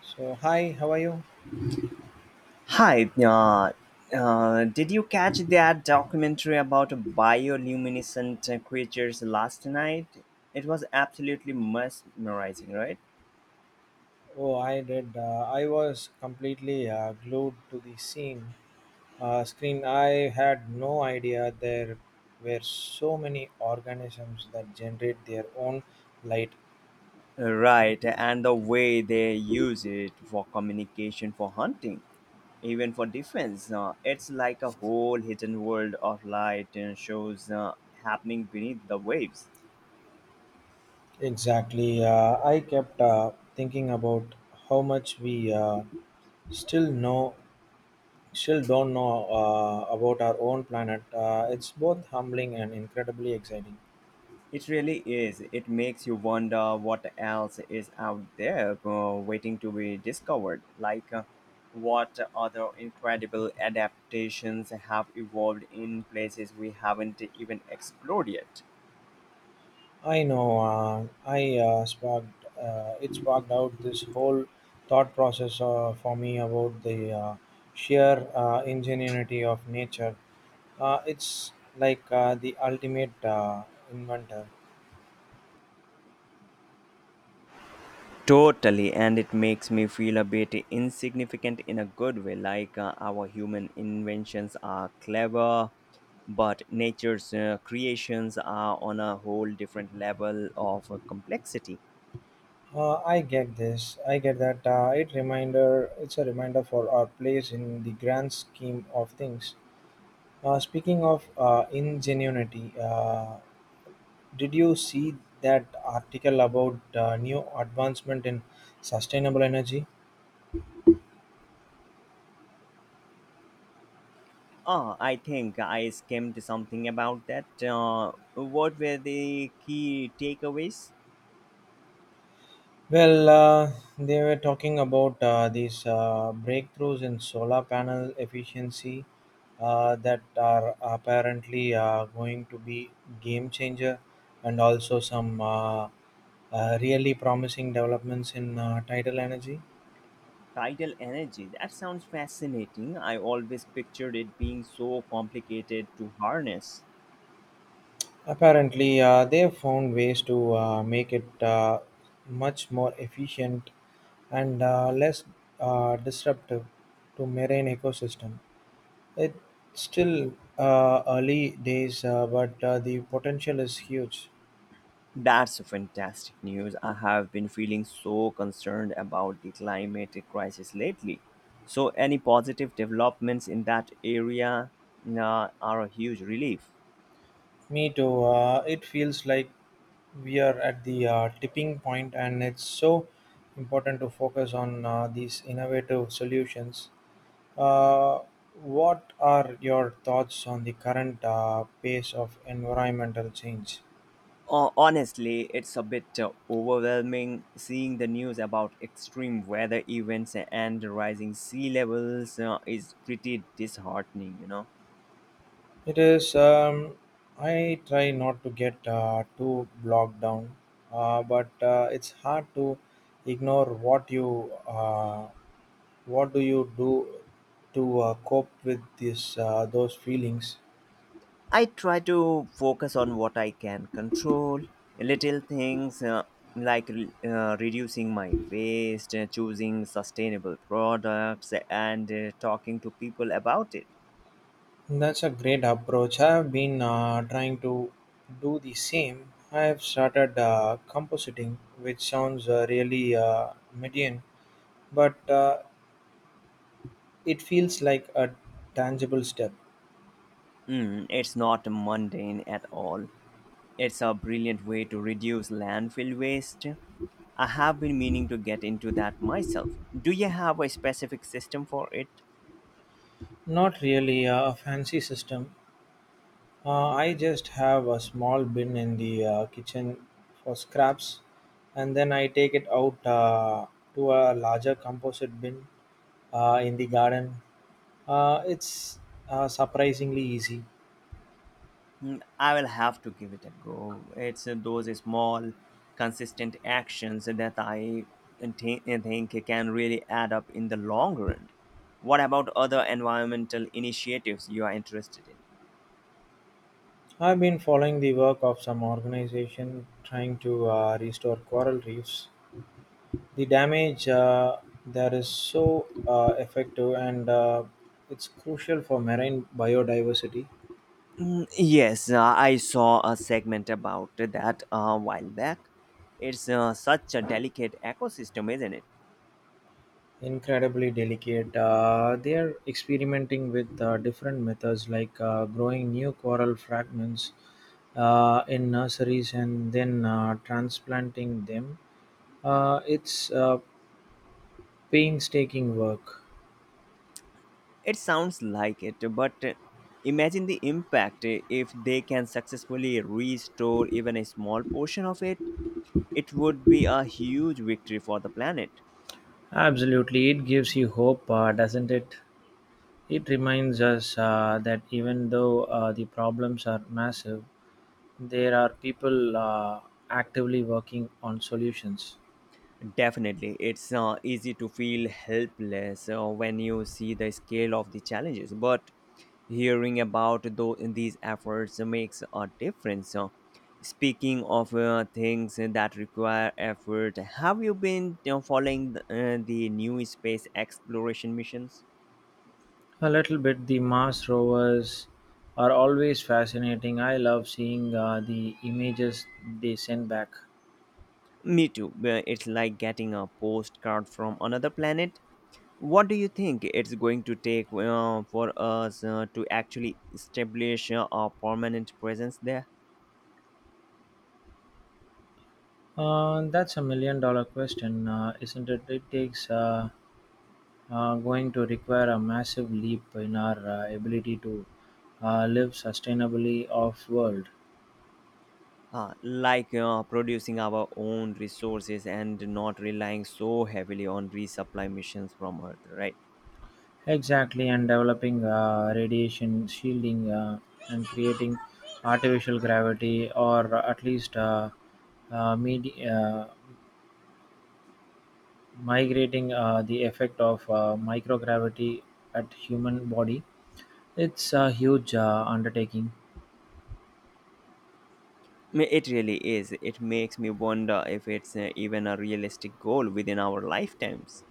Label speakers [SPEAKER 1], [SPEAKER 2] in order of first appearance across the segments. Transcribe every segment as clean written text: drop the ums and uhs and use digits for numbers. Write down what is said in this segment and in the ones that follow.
[SPEAKER 1] So, hi, how are you?
[SPEAKER 2] Hi, did you catch that documentary about bioluminescent creatures last night? It was absolutely mesmerizing, right?
[SPEAKER 1] Oh, I did. I was completely glued to the scene screen. I had no idea there were so many organisms that generate their own light.
[SPEAKER 2] Right, and the way they use it for communication, for hunting, even for defense. It's like a whole hidden world of light and shows happening beneath the waves.
[SPEAKER 1] Exactly. I kept thinking about how much we still know, still don't know about our own planet. It's both humbling and incredibly exciting.
[SPEAKER 2] It really is. It makes you wonder what else is out there waiting to be discovered. What other incredible adaptations have evolved in places we haven't even explored yet?
[SPEAKER 1] I know. I sparked. It sparked out this whole thought process for me about the sheer ingenuity of nature. It's like the ultimate inventor.
[SPEAKER 2] Totally, and it makes me feel a bit insignificant in a good way. Our human inventions are clever, but nature's creations are on a whole different level of complexity.
[SPEAKER 1] I get this. I get that. It's a reminder for our place in the grand scheme of things. Speaking of ingenuity, did you see that article about new advancement in sustainable energy?
[SPEAKER 2] Ah, I think I skimmed something about that. What were the key takeaways?
[SPEAKER 1] Well, they were talking about these breakthroughs in solar panel efficiency that are apparently going to be game changer, and also some really promising developments in tidal energy.
[SPEAKER 2] Tidal energy. That sounds fascinating. I always pictured it being so complicated to harness.
[SPEAKER 1] Apparently, they have found ways to make it much more efficient and less disruptive to marine ecosystem. It's still early days, but the potential is huge.
[SPEAKER 2] That's fantastic news. I have been feeling so concerned about the climate crisis lately. So, any positive developments in that area are a huge relief.
[SPEAKER 1] Me too. It feels like we are at the tipping point, and it's so important to focus on these innovative solutions. Uh, what are your thoughts on the current pace of environmental change?
[SPEAKER 2] Honestly, it's a bit overwhelming. Seeing the news about extreme weather events and rising sea levels is pretty disheartening, you know.
[SPEAKER 1] It is. I try not to get too bogged down, but it's hard to ignore what do you do to cope with this those feelings.
[SPEAKER 2] I try to focus on what I can control, little things like reducing my waste, choosing sustainable products, and talking to people about it.
[SPEAKER 1] That's a great approach. I've been trying to do the same. I've started compositing, which sounds really median, but it feels like a tangible step.
[SPEAKER 2] Mm, it's not mundane at all. It's a brilliant way to reduce landfill waste. I have been meaning to get into that myself. Do you have a specific system for it?
[SPEAKER 1] Not really a fancy system. I just have a small bin in the kitchen for scraps, and then I take it out to a larger composite bin in the garden. It's surprisingly easy.
[SPEAKER 2] Hmm, I will have to give it a go. It's those small, consistent actions that think can really add up in the long run. What about other environmental initiatives you are interested in?
[SPEAKER 1] I've been following the work of some organization trying to restore coral reefs. The damage there is so effective and it's crucial for marine biodiversity.
[SPEAKER 2] Yes, I saw a segment about that a while back. It's such a delicate ecosystem, isn't it?
[SPEAKER 1] Incredibly delicate. They are experimenting with different methods like growing new coral fragments in nurseries and then transplanting them. It's painstaking work.
[SPEAKER 2] It sounds like it, but imagine the impact if they can successfully restore even a small portion of it. It would be a huge victory for the planet.
[SPEAKER 1] Absolutely, it gives you hope, doesn't it? It reminds us that even though the problems are massive, there are people actively working on solutions.
[SPEAKER 2] Definitely, it's easy to feel helpless when you see the scale of the challenges, but hearing about these efforts makes a difference. Speaking of things that require effort, have you been following the new space exploration missions?
[SPEAKER 1] A little bit, the Mars rovers are always fascinating. I love seeing the images they send back.
[SPEAKER 2] Me too. It's like getting a postcard from another planet. What do you think it's going to take for us to actually establish a permanent presence there?
[SPEAKER 1] That's a million-dollar question, isn't it? It takes going to require a massive leap in our ability to live sustainably off world.
[SPEAKER 2] Producing our own resources and not relying so heavily on resupply missions from Earth, right?
[SPEAKER 1] Exactly, and developing radiation shielding and creating artificial gravity, or at least uh, medi- uh, migrating the effect of microgravity at human body. It's a huge undertaking.
[SPEAKER 2] I mean, it really is. It makes me wonder if it's even a realistic goal within our lifetimes.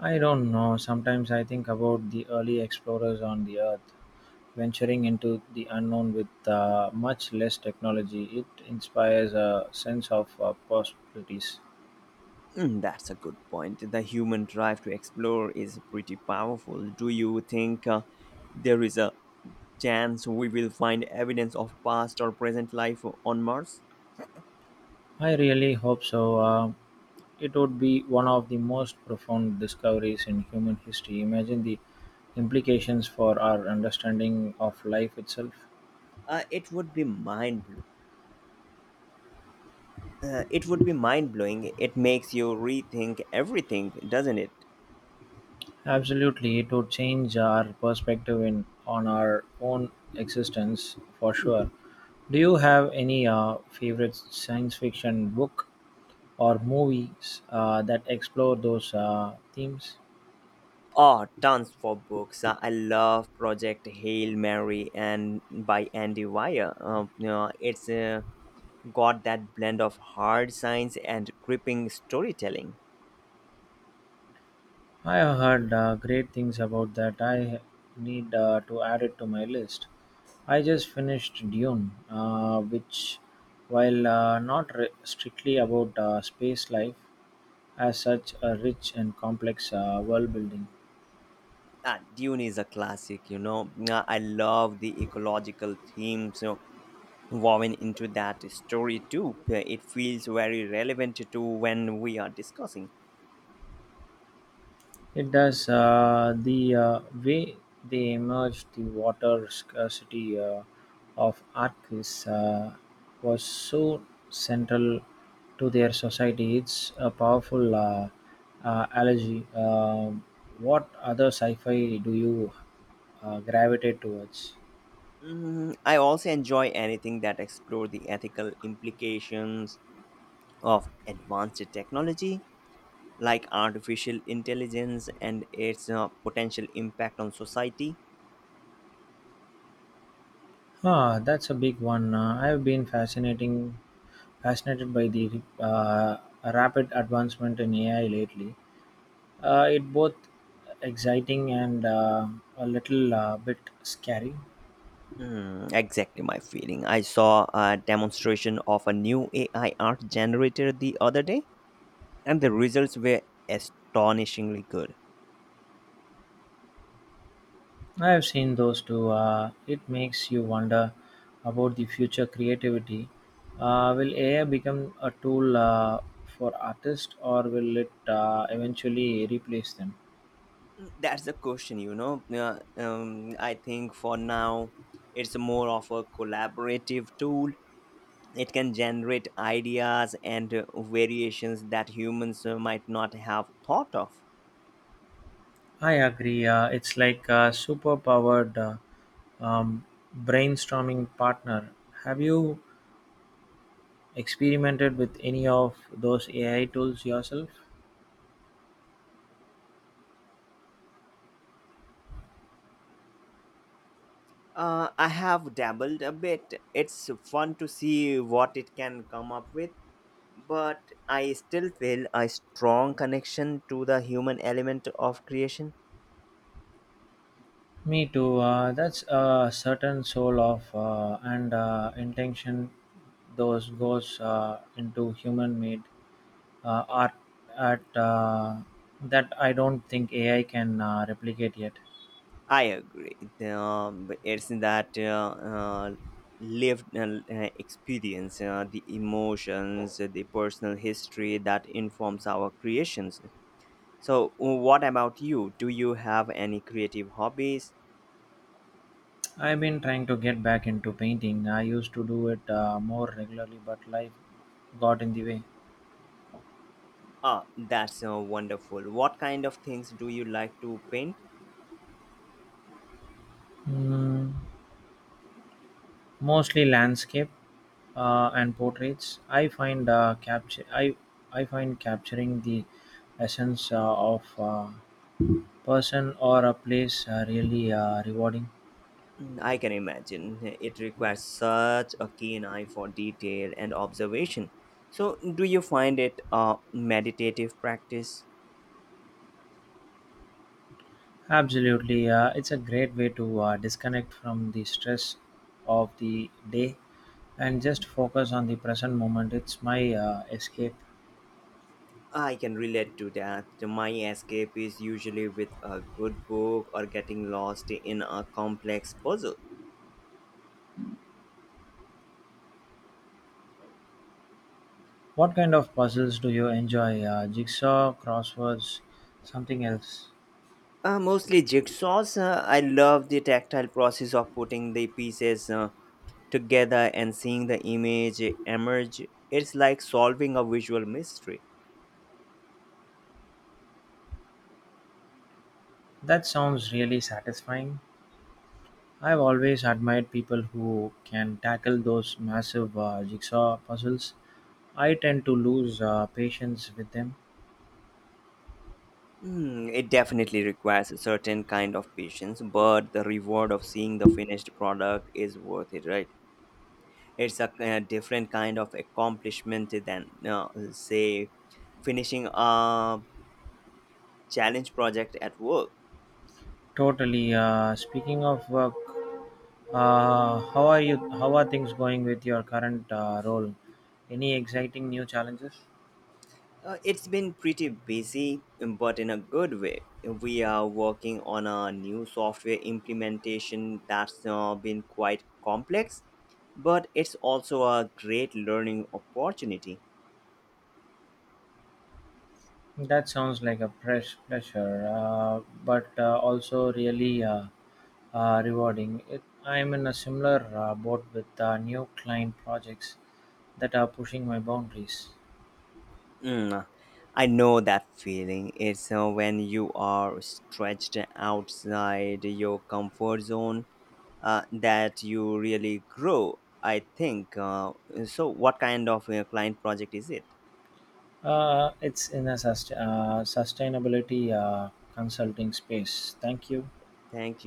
[SPEAKER 1] I don't know. Sometimes I think about the early explorers on the earth. Venturing into the unknown with much less technology, it inspires a sense of possibilities.
[SPEAKER 2] Mm, that's a good point. The human drive to explore is pretty powerful. Do you think there is a chance we will find evidence of past or present life on Mars?
[SPEAKER 1] I really hope so. It would be one of the most profound discoveries in human history. Imagine the implications for our understanding of life itself.
[SPEAKER 2] It would be mind blowing. It would be mind blowing. It makes you rethink everything, doesn't it?
[SPEAKER 1] Absolutely, it would change our perspective in on our own existence for sure. Do you have any favorite science fiction book or movies that explore those themes?
[SPEAKER 2] Oh, tons for books. I love Project Hail Mary and by Andy Weir. It's got that blend of hard science and gripping storytelling.
[SPEAKER 1] I have heard great things about that. I need to add it to my list. I just finished Dune, which, while not re- strictly about space life, has such a rich and complex world building.
[SPEAKER 2] Ah, Dune is a classic, you know. Nah, I love the ecological themes, woven into that story too. It feels very relevant to when we are discussing.
[SPEAKER 1] It does. The way they emerged, the water scarcity of Arcus was so central to their society. It's a powerful allergy. What other sci fi do you gravitate towards?
[SPEAKER 2] Mm, I also enjoy anything that explore the ethical implications of advanced technology, like artificial intelligence and its potential impact on society.
[SPEAKER 1] Ah, that's a big one. Fascinated by the rapid advancement in AI lately. It both exciting and a little bit scary.
[SPEAKER 2] Mm, exactly my feeling. I saw a demonstration of a new AI art generator the other day and the results were astonishingly good.
[SPEAKER 1] I have seen those too. It makes you wonder about the future creativity. Will AI become a tool for artists, or will it eventually replace them?
[SPEAKER 2] That's the question, you know. I think for now, it's more of a collaborative tool. It can generate ideas and variations that humans might not have thought of.
[SPEAKER 1] I agree. It's like a superpowered um, brainstorming partner. Have you experimented with any of those AI tools yourself?
[SPEAKER 2] I have dabbled a bit. It's fun to see what it can come up with, but I still feel a strong connection to the human element of creation.
[SPEAKER 1] Me too. That's a certain soul of and intention those goes into human made art at that I don't think AI can replicate yet.
[SPEAKER 2] I agree. It's that uh, lived experience, the emotions, the personal history that informs our creations. So, what about you? Do you have any creative hobbies?
[SPEAKER 1] I've been trying to get back into painting. I used to do it more regularly, but life got in the way.
[SPEAKER 2] Ah, that's wonderful. What kind of things do you like to paint?
[SPEAKER 1] Mm, mostly landscape and portraits. I find capturing the essence of person or a place really rewarding.
[SPEAKER 2] Mm, I can imagine. It requires such a keen eye for detail and observation. So, do you find it a meditative practice?
[SPEAKER 1] Absolutely, it's a great way to disconnect from the stress of the day and just focus on the present moment. It's my escape.
[SPEAKER 2] I can relate to that. My escape is usually with a good book or getting lost in a complex puzzle.
[SPEAKER 1] What kind of puzzles do you enjoy? Jigsaw, crosswords, something else?
[SPEAKER 2] Mostly jigsaws. I love the tactile process of putting the pieces together and seeing the image emerge. It's like solving a visual mystery.
[SPEAKER 1] That sounds really satisfying. I've always admired people who can tackle those massive jigsaw puzzles. I tend to lose patience with them.
[SPEAKER 2] Hmm, it definitely requires a certain kind of patience, but the reward of seeing the finished product is worth it, right? It's a different kind of accomplishment than say, finishing a challenge project at work.
[SPEAKER 1] Totally. Speaking of work, how are you? How are things going with your current role? Any exciting new challenges?
[SPEAKER 2] It's been pretty busy, but in a good way. We are working on a new software implementation that's been quite complex, but it's also a great learning opportunity.
[SPEAKER 1] That sounds like a press pressure, but also really rewarding. I'm in a similar boat with new client projects that are pushing my boundaries.
[SPEAKER 2] Mm, I know that feeling. It's when you are stretched outside your comfort zone that you really grow, I think. So, what kind of client project is it?
[SPEAKER 1] It's in a sustainability consulting space. Thank you.
[SPEAKER 2] Thank you.